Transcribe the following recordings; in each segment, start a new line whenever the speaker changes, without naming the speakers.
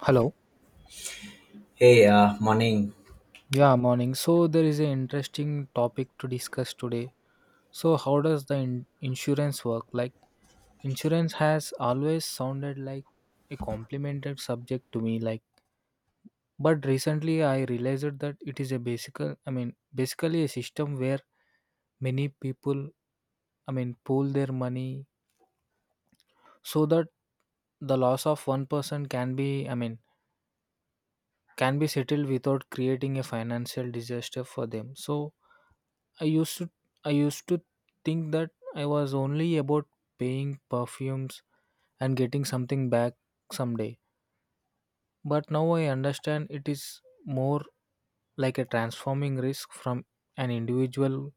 Hello.
Hey, morning.
Yeah, morning. So there is an interesting topic to discuss today. So how does the insurance work? Like insurance has always sounded like a complimented subject to me, like but recently I realized that it is a basic, basically a system where many people, pool their money so that the loss of one person can be, can be settled without creating a financial disaster for them. So I used to I used to think that I was only about paying perfumes and getting something back someday. But now I understand it is more like a transforming risk from an individual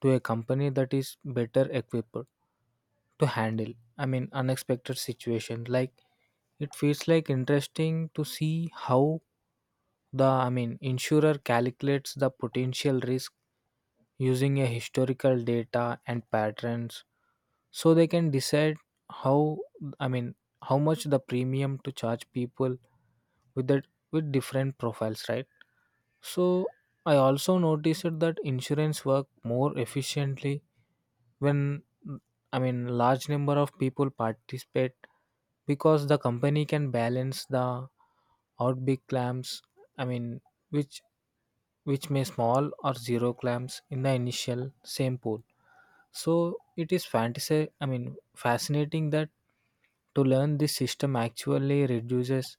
to a company that is better equipped to handle, unexpected situations. Like it feels like interesting to see how the insurer calculates the potential risk using a historical data and patterns, so they can decide how, i mean how much the premium to charge people with that with different profiles, right? So I also noticed that insurance work more efficiently when, large number of people participate, because the company can balance the out big claims, i mean which which may small or zero claims in the initial same pool. So it is fantasy I mean fascinating that to learn this system actually reduces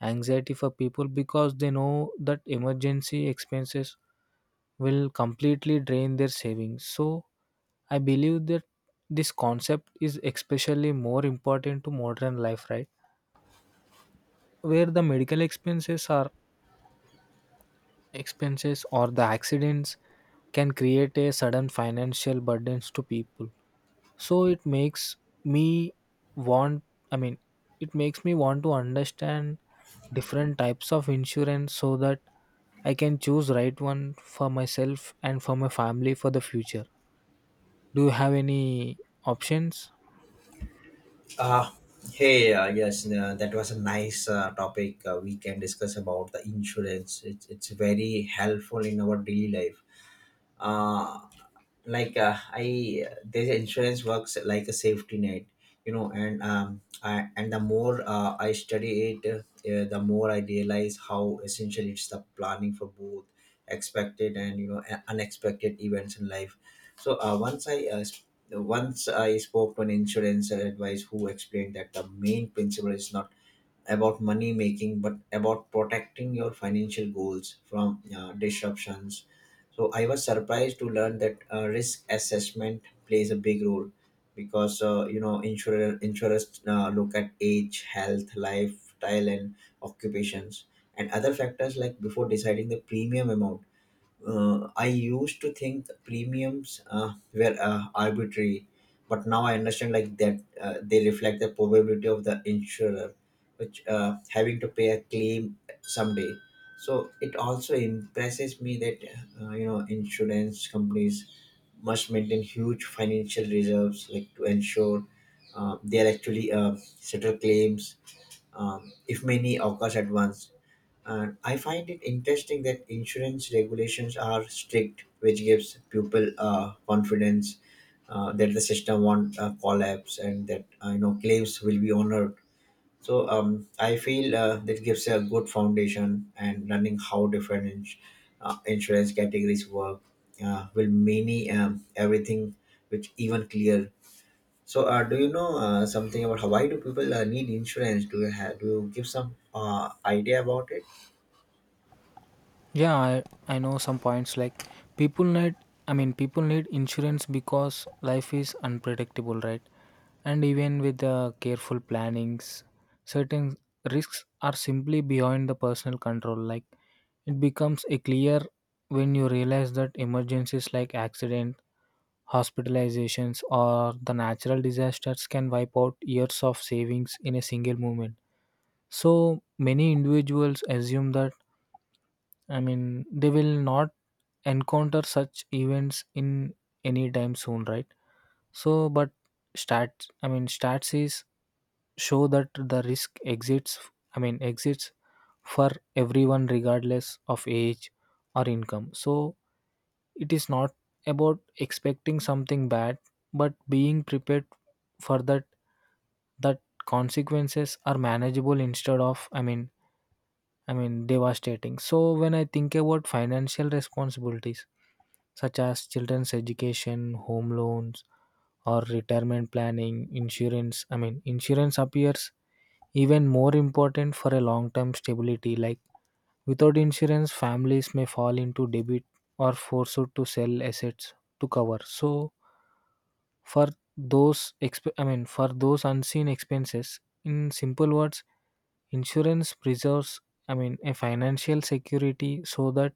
anxiety for people, because they know that emergency expenses will completely drain their savings. So I believe that this concept is especially more important to modern life, right? Where the medical expenses are expenses or the accidents can create a sudden financial burdens to people. So me want, I mean, it makes me want to understand different types of insurance, so that I can choose right one for myself and for my family for the future. Do you have any options?
Uh, Hey, yes, that was a nice topic. We can discuss about the insurance. It's very helpful in our daily life. Uh, like I This insurance works like a safety net, and and the more I study it, the more I realize how essential it's the planning for both expected and unexpected events in life. So once I spoke to an insurance advice who explained that the main principle is not about money making but about protecting your financial goals from disruptions. So I was surprised to learn that risk assessment plays a big role because insurers look at age, health, lifestyle, and occupations and other factors like before deciding the premium amount. I used to think premiums were arbitrary, but now I understand like that they reflect the probability of the insurer, which having to pay a claim someday. So it also impresses me that insurance companies must maintain huge financial reserves like to ensure they are actually settle claims if many occurs at once. And I find it interesting that insurance regulations are strict, which gives people confidence that the system won't collapse and that claims will be honored. So I feel that gives a good foundation, and learning how different insurance categories work will many everything which even clear. So do you know something about how, why do people need insurance? Do you give some idea about it?
Yeah, I know some points like people need people need insurance because life is unpredictable, right? And even with the careful plannings, certain risks are simply beyond the personal control. Like it becomes a clear when you realize that emergencies like accident, hospitalizations or the natural disasters can wipe out years of savings in a single moment. So many individuals assume that, they will not encounter such events in any time soon, right? So but stats I mean stats is show that the risk exists, I mean exists for everyone regardless of age or income. So it is not about expecting something bad, but being prepared for that, that consequences are manageable instead of, devastating. So when I think about financial responsibilities such as children's education, home loans or retirement planning, insurance, I mean insurance appears even more important for a long-term stability. Like without insurance, families may fall into debt or forced to sell assets to cover, so for those unseen expenses. In simple words, insurance preserves, a financial security so that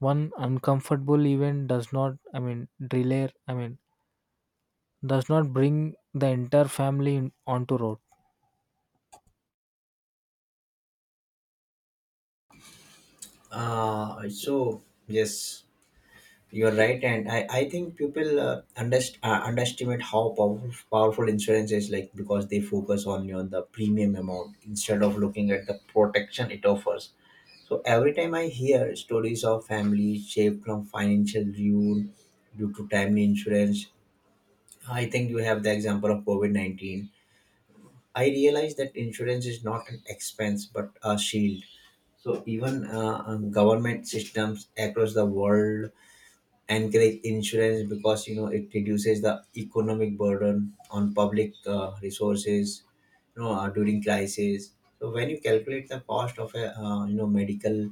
one uncomfortable event does not, I mean delay I mean does not bring the entire family in, onto road.
So yes, you are right, and I think people underestimate how powerful insurance is, like because they focus only on the premium amount instead of looking at the protection it offers. So every time I hear stories of families saved from financial ruin due to timely insurance, I think you have the example of COVID 19. I realize that insurance is not an expense but a shield. So even government systems across the world encourage insurance because you know it reduces the economic burden on public resources, during crisis. So when you calculate the cost of a medical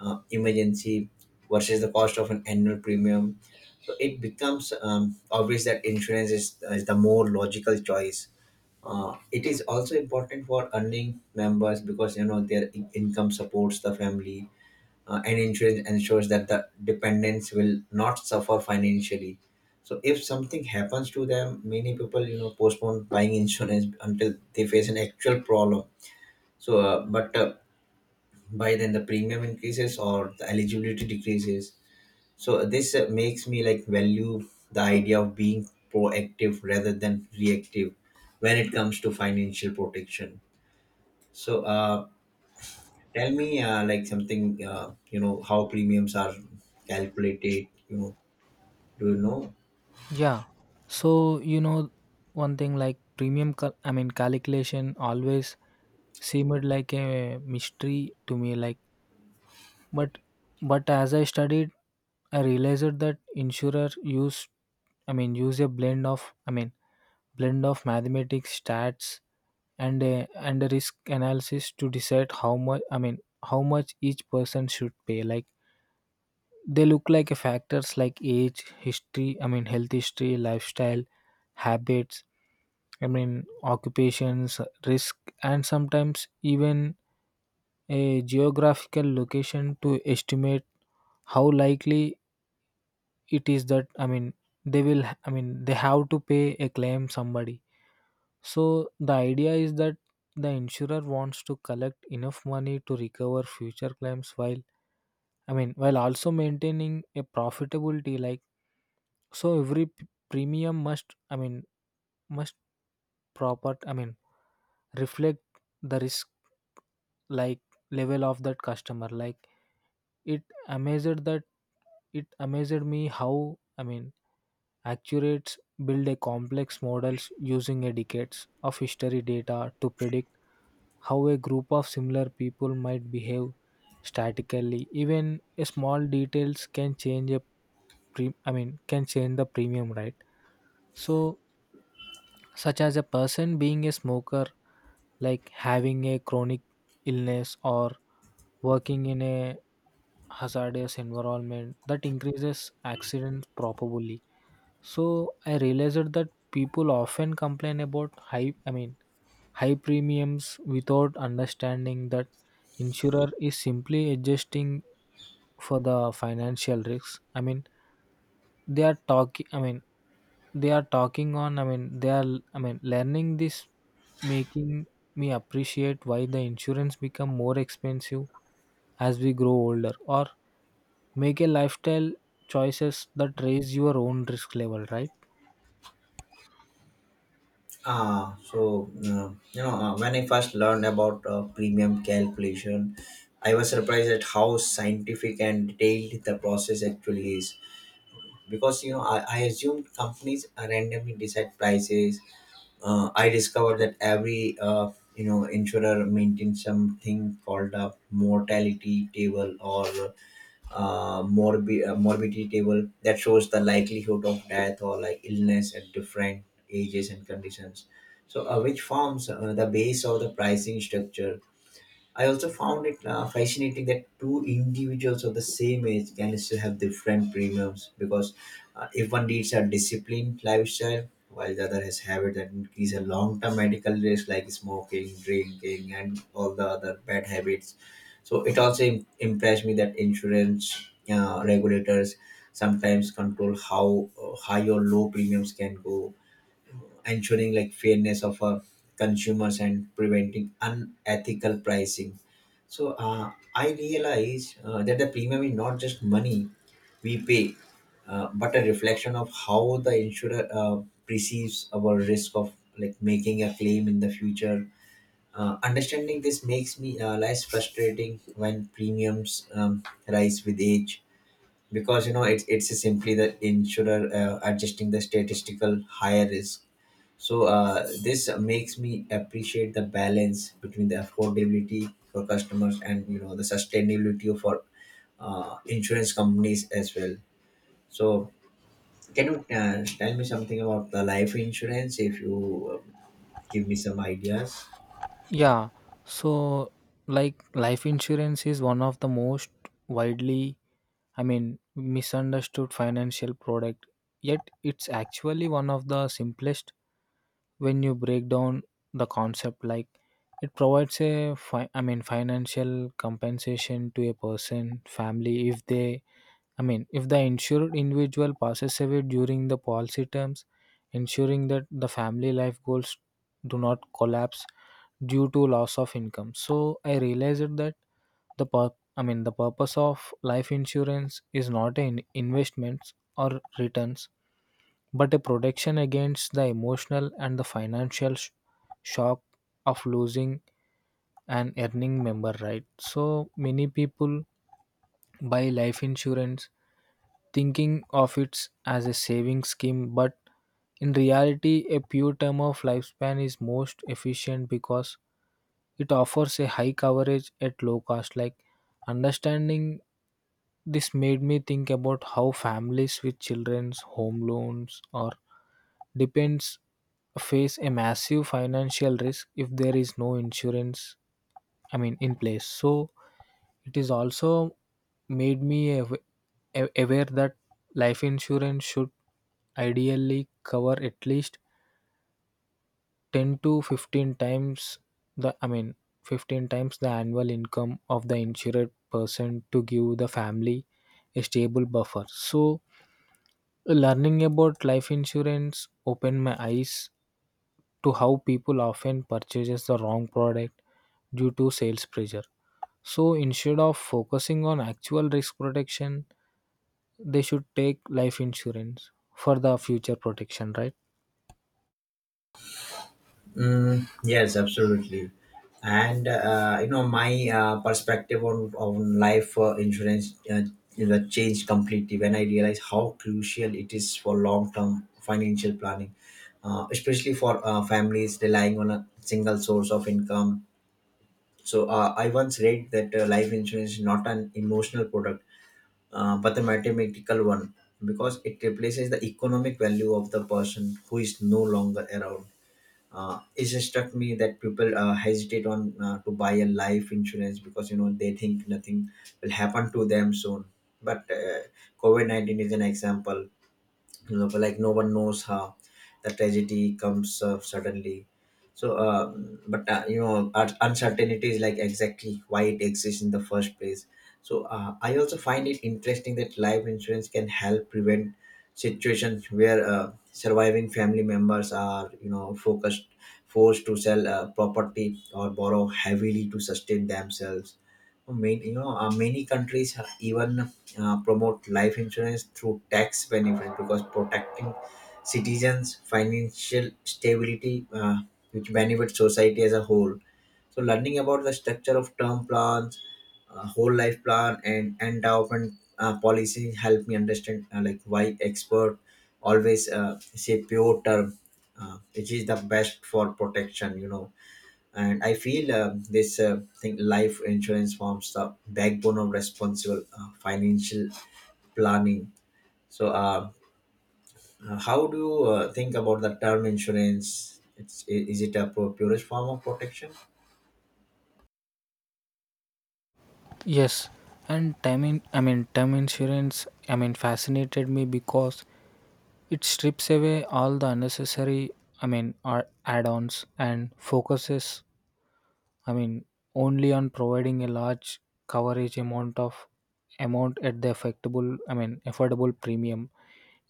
emergency versus the cost of an annual premium, so it becomes obvious that insurance is the more logical choice. It is also important for earning members because you know their income supports the family, and insurance ensures that the dependents will not suffer financially so if something happens to them. Many people you know postpone buying insurance until they face an actual problem. So but by then the premium increases or the eligibility decreases. So this makes me like value the idea of being proactive rather than reactive when it comes to financial protection. So tell me, like something, how premiums are calculated. You know, do you know?
Yeah. So you know one thing, like premium calculation always seemed like a mystery to me, like but as I studied, I realized that insurer use, a blend of, blend of mathematics, stats, and a risk analysis to decide how much, how much each person should pay. Like they look like a factors like age, history, I mean health history, lifestyle, habits, occupations, risk, and sometimes even a geographical location to estimate how likely it is that, they will I mean they have to pay a claim somebody. So the idea is that the insurer wants to collect enough money to recover future claims, while also maintaining a profitability. Like so every p- premium must I mean must proper I mean reflect the risk like level of that customer. Like it amazed that it amazed me how, accurates build a complex models using a decades of history data to predict how a group of similar people might behave statically. Even a small details can change a can change the premium, right? So such as a person being a smoker, like having a chronic illness or working in a hazardous environment that increases accidents probably. So I realized that people often complain about high, high premiums without understanding that insurer is simply adjusting for the financial risks, I mean they are talking I mean they are talking on I mean they are I mean learning this making me appreciate why the insurance become more expensive as we grow older, or make a lifestyle choices that raise your own risk level, right?
Ah, so when I first learned about premium calculation, I was surprised at how scientific and detailed the process actually is, because I assumed companies randomly decide prices. I discovered that every insurer maintains something called a mortality table or morbidity table that shows the likelihood of death or like illness at different ages and conditions. So, which forms the base of the pricing structure. I also found it fascinating that two individuals of the same age can still have different premiums because if one leads a disciplined lifestyle while the other has habits that increase a long-term medical risk, like smoking, drinking, and all the other bad habits. So it also impressed me that insurance regulators sometimes control how high or low premiums can go, ensuring like fairness of our consumers and preventing unethical pricing. So I realize that the premium is not just money we pay, but a reflection of how the insurer perceives our risk of like making a claim in the future. Understanding this makes me less frustrating when premiums rise with age, because you know it's simply the insurer adjusting the statistical higher risk. So this makes me appreciate the balance between the affordability for customers and you know the sustainability for insurance companies as well. So can you tell me something about the life insurance, if you give me some ideas?
Yeah, so like life insurance is one of the most widely, misunderstood financial product, yet it's actually one of the simplest when you break down the concept. Like it provides a, financial compensation to a person, family, if they, if the insured individual passes away during the policy terms, ensuring that the family life goals do not collapse due to loss of income. So I realized that the the purpose of life insurance is not an investments or returns, but a protection against the emotional and the financial shock of losing an earning member, right? So many people buy life insurance thinking of it as a saving scheme, but in reality a pure term of lifespan is most efficient because it offers a high coverage at low cost. Like understanding this made me think about how families with children's home loans or depends face a massive financial risk if there is no insurance, in place. So it is also made me aware that life insurance should ideally cover at least 10 to 15 times the I mean 15 times the annual income of the insured person, to give the family a stable buffer. So learning about life insurance opened my eyes to how people often purchases the wrong product due to sales pressure. So instead of focusing on actual risk protection, they should take life insurance for the future protection, right?
Mm, yes, absolutely. And my perspective on life insurance changed completely when I realized how crucial it is for long term financial planning, especially for families relying on a single source of income. So I once read that life insurance is not an emotional product, but a mathematical one, because it replaces the economic value of the person who is no longer around. It just struck me that people hesitate on to buy a life insurance because you know they think nothing will happen to them soon. But covid-19 is an example, you know, but like no one knows how the tragedy comes suddenly. So, but you know, un- uncertainty is like exactly why it exists in the first place. So, I also find it interesting that life insurance can help prevent situations where surviving family members are, forced to sell property or borrow heavily to sustain themselves. Many, many countries even promote life insurance through tax benefits because protecting citizens' financial stability, which benefits society as a whole. So, learning about the structure of term plans, whole life plan, and endowment policy help me understand like why expert always say pure term, which is the best for protection. You know, and I feel this thing life insurance forms the backbone of responsible financial planning. So how do you think about the term insurance? It's, is it a purest form of protection?
Yes, and time in, I mean term insurance, fascinated me because it strips away all the unnecessary, or add-ons, and focuses, I mean only on providing a large coverage amount at the affectable I mean affordable premium.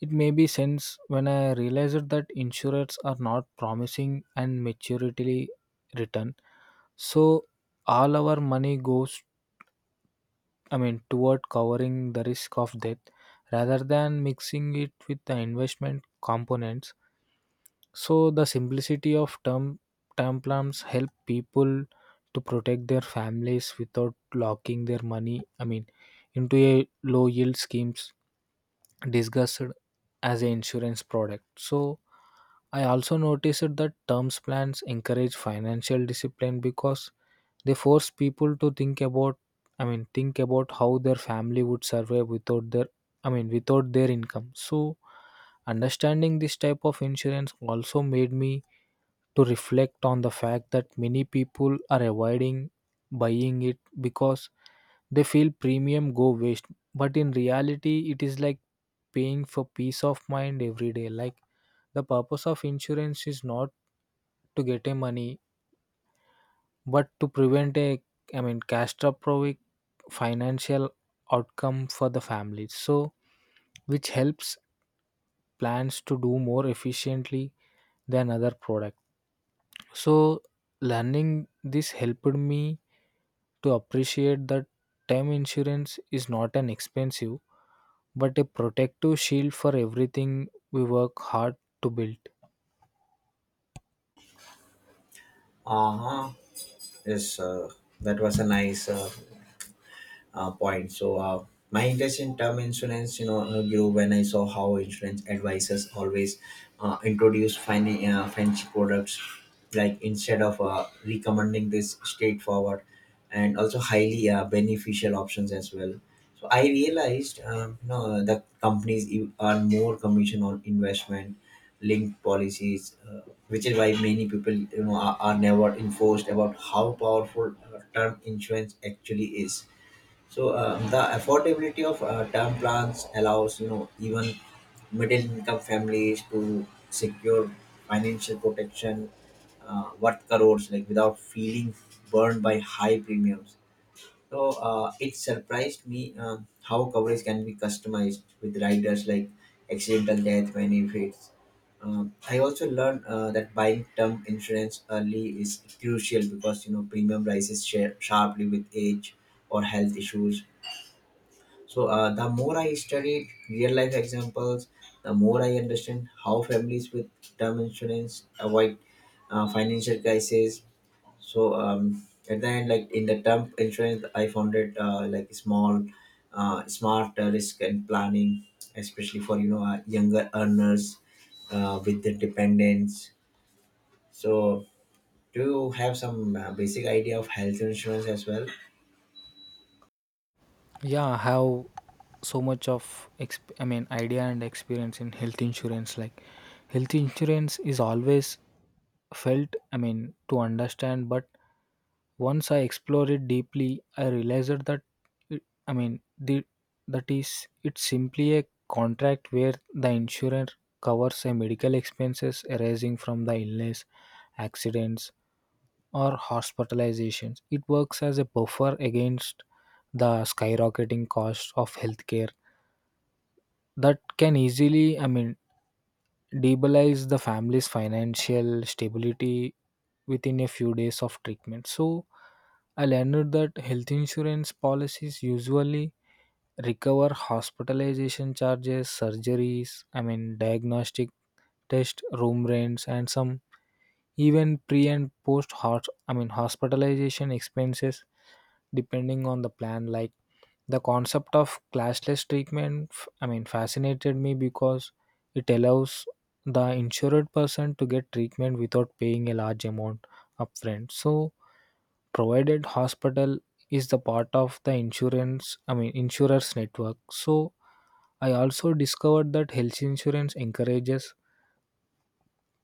It may be since when I realized that insurers are not promising and maturity return. So all our money goes, toward covering the risk of death rather than mixing it with the investment components. So the simplicity of term plans help people to protect their families without locking their money, into a low yield schemes discussed as an insurance product. So I also noticed that terms plans encourage financial discipline because they force people to think about, think about how their family would survive without their, without their income. So understanding this type of insurance also made me to reflect on the fact that many people are avoiding buying it because they feel premium go waste, but in reality it is like paying for peace of mind every day. Like the purpose of insurance is not to get a money, but to prevent a, catastrophic financial outcome for the family, so which helps plans to do more efficiently than other product. So learning this helped me to appreciate that term insurance is not an expensive, but a protective shield for everything we work hard to build.
Uh-huh. Yes, that was a nice point. So my interest in term insurance, grew when I saw how insurance advisors always introduce fancy products, like instead of recommending this straightforward and also highly beneficial options as well. So I realized, the companies earn more commission on investment linked policies, which is why many people, are never enforced about how powerful term insurance actually is. So the affordability of term plans allows you know even middle income families to secure financial protection worth crores like without feeling burned by high premiums. So it surprised me how coverage can be customized with riders like accidental death benefits. I also learned that buying term insurance early is crucial because you know premium rises share sharply with age or health issues. So the more I studied real life examples, the more I understand how families with term insurance avoid financial crisis. So at the end, like in the term insurance, I found it like smart risk and planning, especially for younger earners with the dependents. So do you have some basic idea of health insurance as well?
Yeah, I have so much of idea and experience in health insurance. Like health insurance is always felt, to understand, but once I explored it deeply, I realized that it, I mean the that is it's simply a contract where the insurance covers a medical expenses arising from the illness, accidents or hospitalizations. It works as a buffer against the skyrocketing costs of healthcare that can easily, destabilize the family's financial stability within a few days of treatment. So I learned that health insurance policies usually recover hospitalization charges, surgeries, diagnostic test room rents, and some even pre and post hospitalization expenses depending on the plan. Like the concept of clashless treatment fascinated me because it allows the insured person to get treatment without paying a large amount upfront, so provided hospital is the part of the insurance I mean insurers network. So I also discovered that health insurance encourages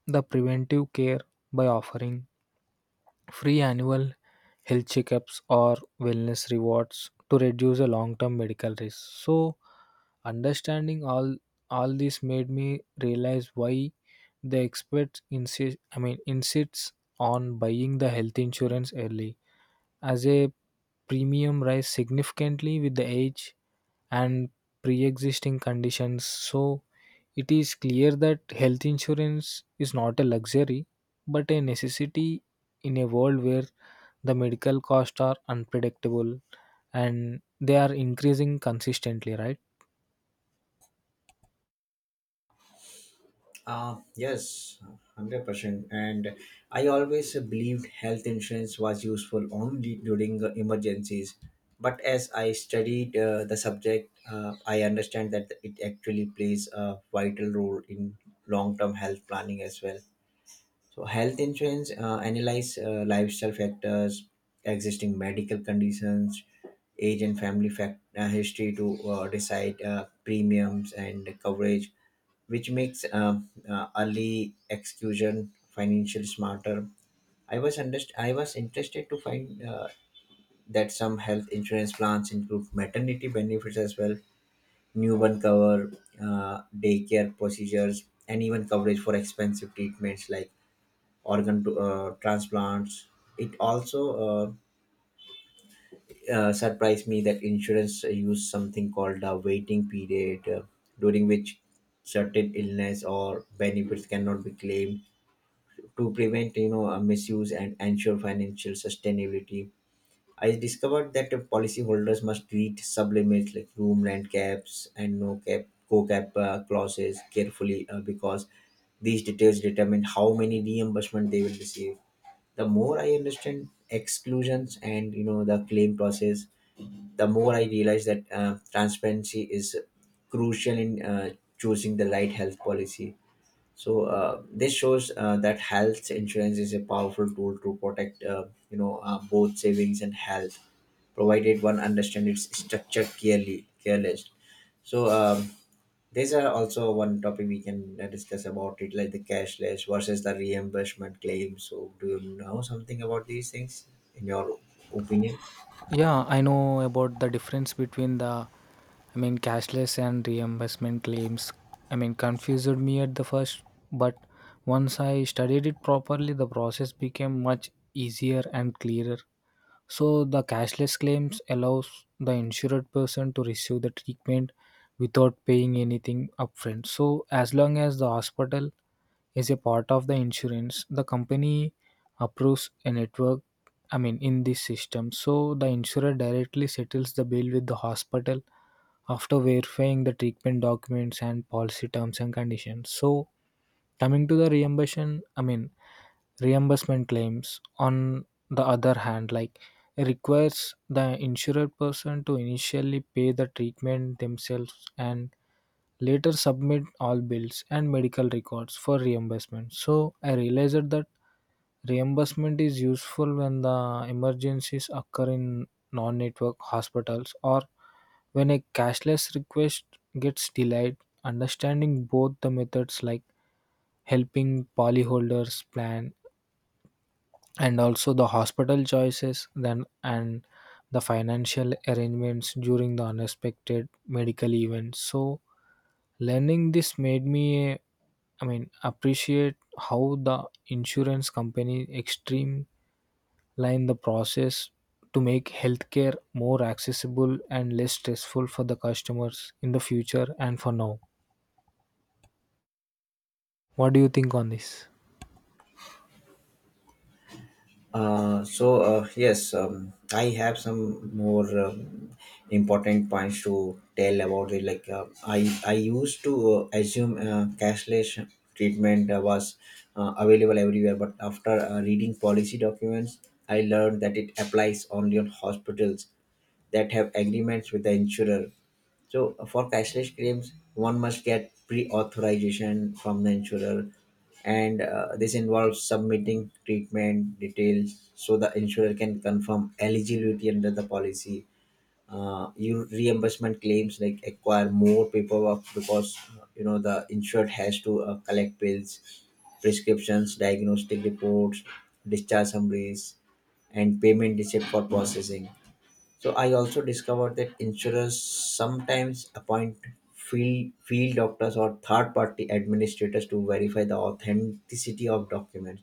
the preventive care by offering free annual health checkups or wellness rewards to reduce the long-term medical risk. So understanding all this made me realize why the experts insists on buying the health insurance early, as a premium rise significantly with the age and pre-existing conditions. So it is clear that health insurance is not a luxury, but a necessity in a world where the medical costs are unpredictable and they are increasing consistently, right?
Yes, 100%. And I always believed health insurance was useful only during emergencies. But as I studied the subject, I understand that it actually plays a vital role in long term health planning as well. So, health insurance analyze lifestyle factors, existing medical conditions, age and family fact, history to decide premiums and coverage, which makes early exclusion financially smarter. I was interested to find that some health insurance plans include maternity benefits as well, newborn cover, daycare procedures, and even coverage for expensive treatments like organ transplants. It also surprised me that insurance use something called a waiting period, during which certain illness or benefits cannot be claimed to prevent a misuse and ensure financial sustainability. I discovered that the policyholders must read sublimits like room rent caps and no cap co-cap clauses carefully because these details determine how many reimbursement they will receive. The more I understand exclusions and the claim process, the more I realize that transparency is crucial in choosing the right health policy. So this shows that health insurance is a powerful tool to protect, both savings and health, provided one understands its structure clearly. So there's also one topic we can discuss about it, like the cashless versus the reimbursement claim. So do you know something about these things, in your opinion?
Yeah, I know about the difference between the, cashless and reimbursement claims, confused me at the first, but once I studied it properly, the process became much easier and clearer. So the cashless claims allows the insured person to receive the treatment without paying anything upfront. So as long as the hospital is a part of the insurance, the company approves a network, in this system. So the insurer directly settles the bill with the hospital after verifying the treatment documents and policy terms and conditions. So coming to the reimbursement, reimbursement claims on the other hand, like requires the insured person to initially pay the treatment themselves, and later submit all bills and medical records for reimbursement. So I realized that reimbursement is useful when the emergencies occur in non network hospitals, or when a cashless request gets delayed. Understanding both the methods, like helping policyholders plan and also the hospital choices then and the financial arrangements during the unexpected medical events. So learning this made me, appreciate how the insurance company extreme line the process to make healthcare more accessible and less stressful for the customers in the future and for now. What do you think on this?
Yes, I have some more important points to tell about it. Like I used to assume cashless treatment was available everywhere, but after reading policy documents, I learned that it applies only on hospitals that have agreements with the insurer. So for cashless claims, one must get pre-authorization from the insurer, and this involves submitting treatment details so the insurer can confirm eligibility under the policy. Your reimbursement claims like acquire more paperwork because the insured has to collect bills, prescriptions, diagnostic reports, discharge summaries, and payment receipt for processing. So I also discovered that insurers sometimes appoint field doctors or third party administrators to verify the authenticity of documents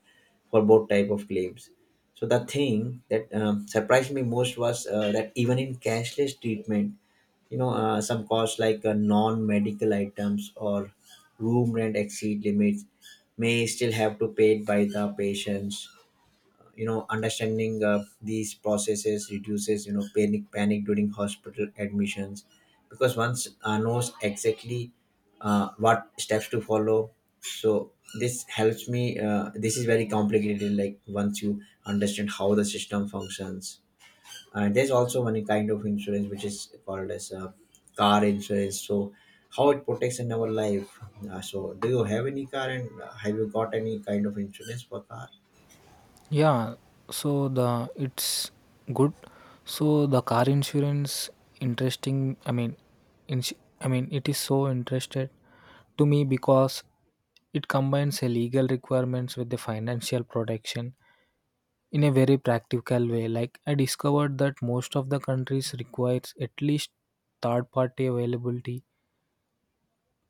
for both type of claims. So the thing that surprised me most was that even in cashless treatment, some costs like non-medical items or room rent exceed limits may still have to paid by the patients. You know, understanding these processes reduces panic during hospital admissions, because once knows exactly what steps to follow. So this helps me this is very complicated, like once you understand how the system functions. There's also one kind of insurance which is called as car insurance. So how it protects in our life? So do you have any car, and have you got any kind of insurance for car?
Yeah, so the it's good. So the car insurance interesting. Ins- it is so interested to me because it combines a legal requirements with the financial protection in a very practical way. Like I discovered that most of the countries requires at least third party availability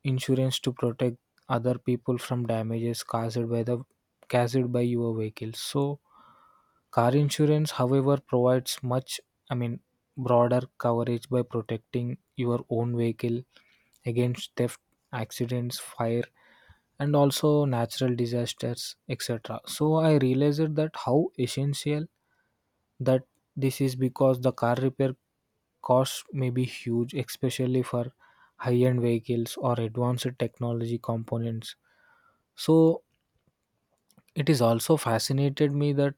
insurance to protect other people from damages caused by your vehicle. So car insurance, however, provides much, I mean broader coverage by protecting your own vehicle against theft, accidents, fire, and also natural disasters, etc. So I realized that how essential that this is, because the car repair costs may be huge, especially for high-end vehicles or advanced technology components. So it is also fascinated me that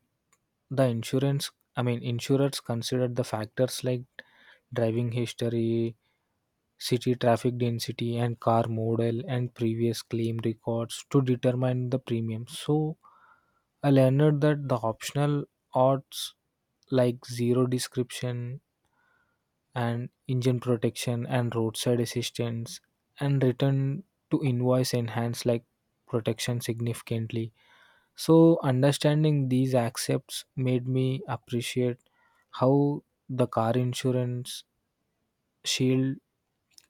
the insurance, insurers considered the factors like driving history, city traffic density, and car model and previous claim records to determine the premium. So I learned that the optional odds like zero description and engine protection and roadside assistance and return to invoice enhance like protection significantly. So understanding these accepts made me appreciate how the car insurance shield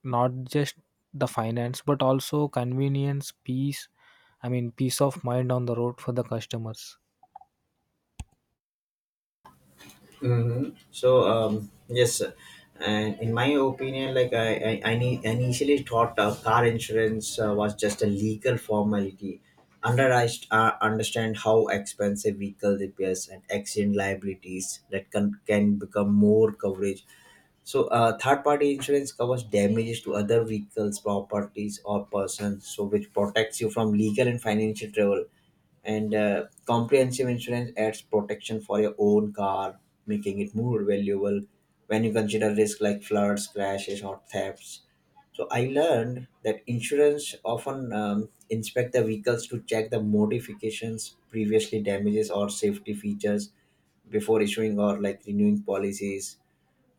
not just the finance but also convenience peace I mean peace of mind on the road for the customers.
Mm-hmm. So yes, and in my opinion, like I initially thought car insurance was just a legal formality. Understand how expensive vehicle repairs and accident liabilities that can become more coverage. So third party insurance covers damages to other vehicles, properties, or persons, so which protects you from legal and financial trouble, and comprehensive insurance adds protection for your own car, making it more valuable when you consider risks like floods, crashes, or thefts. So I learned that insurance often inspect the vehicles to check the modifications, previously damages, or safety features before issuing or like renewing policies.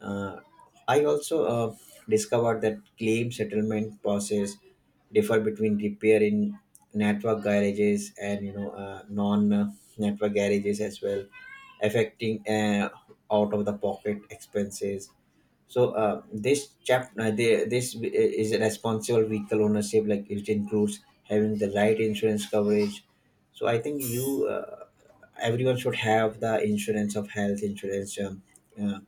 uh, I also discovered that claim settlement process differ between repair in network garages and non-network garages as well, affecting out of the pocket expenses. So this is a responsible vehicle ownership, like it includes having the right insurance coverage. So I think you everyone should have the insurance of health insurance. Uh,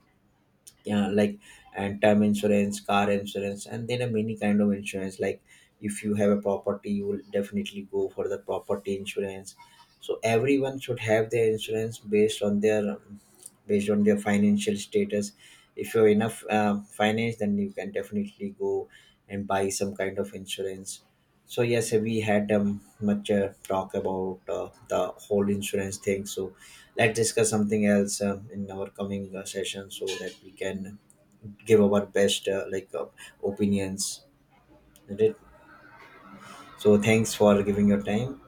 yeah, like, and term insurance, car insurance, and then a many kind of insurance. Like if you have a property, you will definitely go for the property insurance. So everyone should have their insurance based on their financial status. If you have enough finance, then you can definitely go and buy some kind of insurance. So yes, we had much talk about the whole insurance thing. So let's discuss something else in our coming session, so that we can give our best opinions, isn't it? So thanks for giving your time.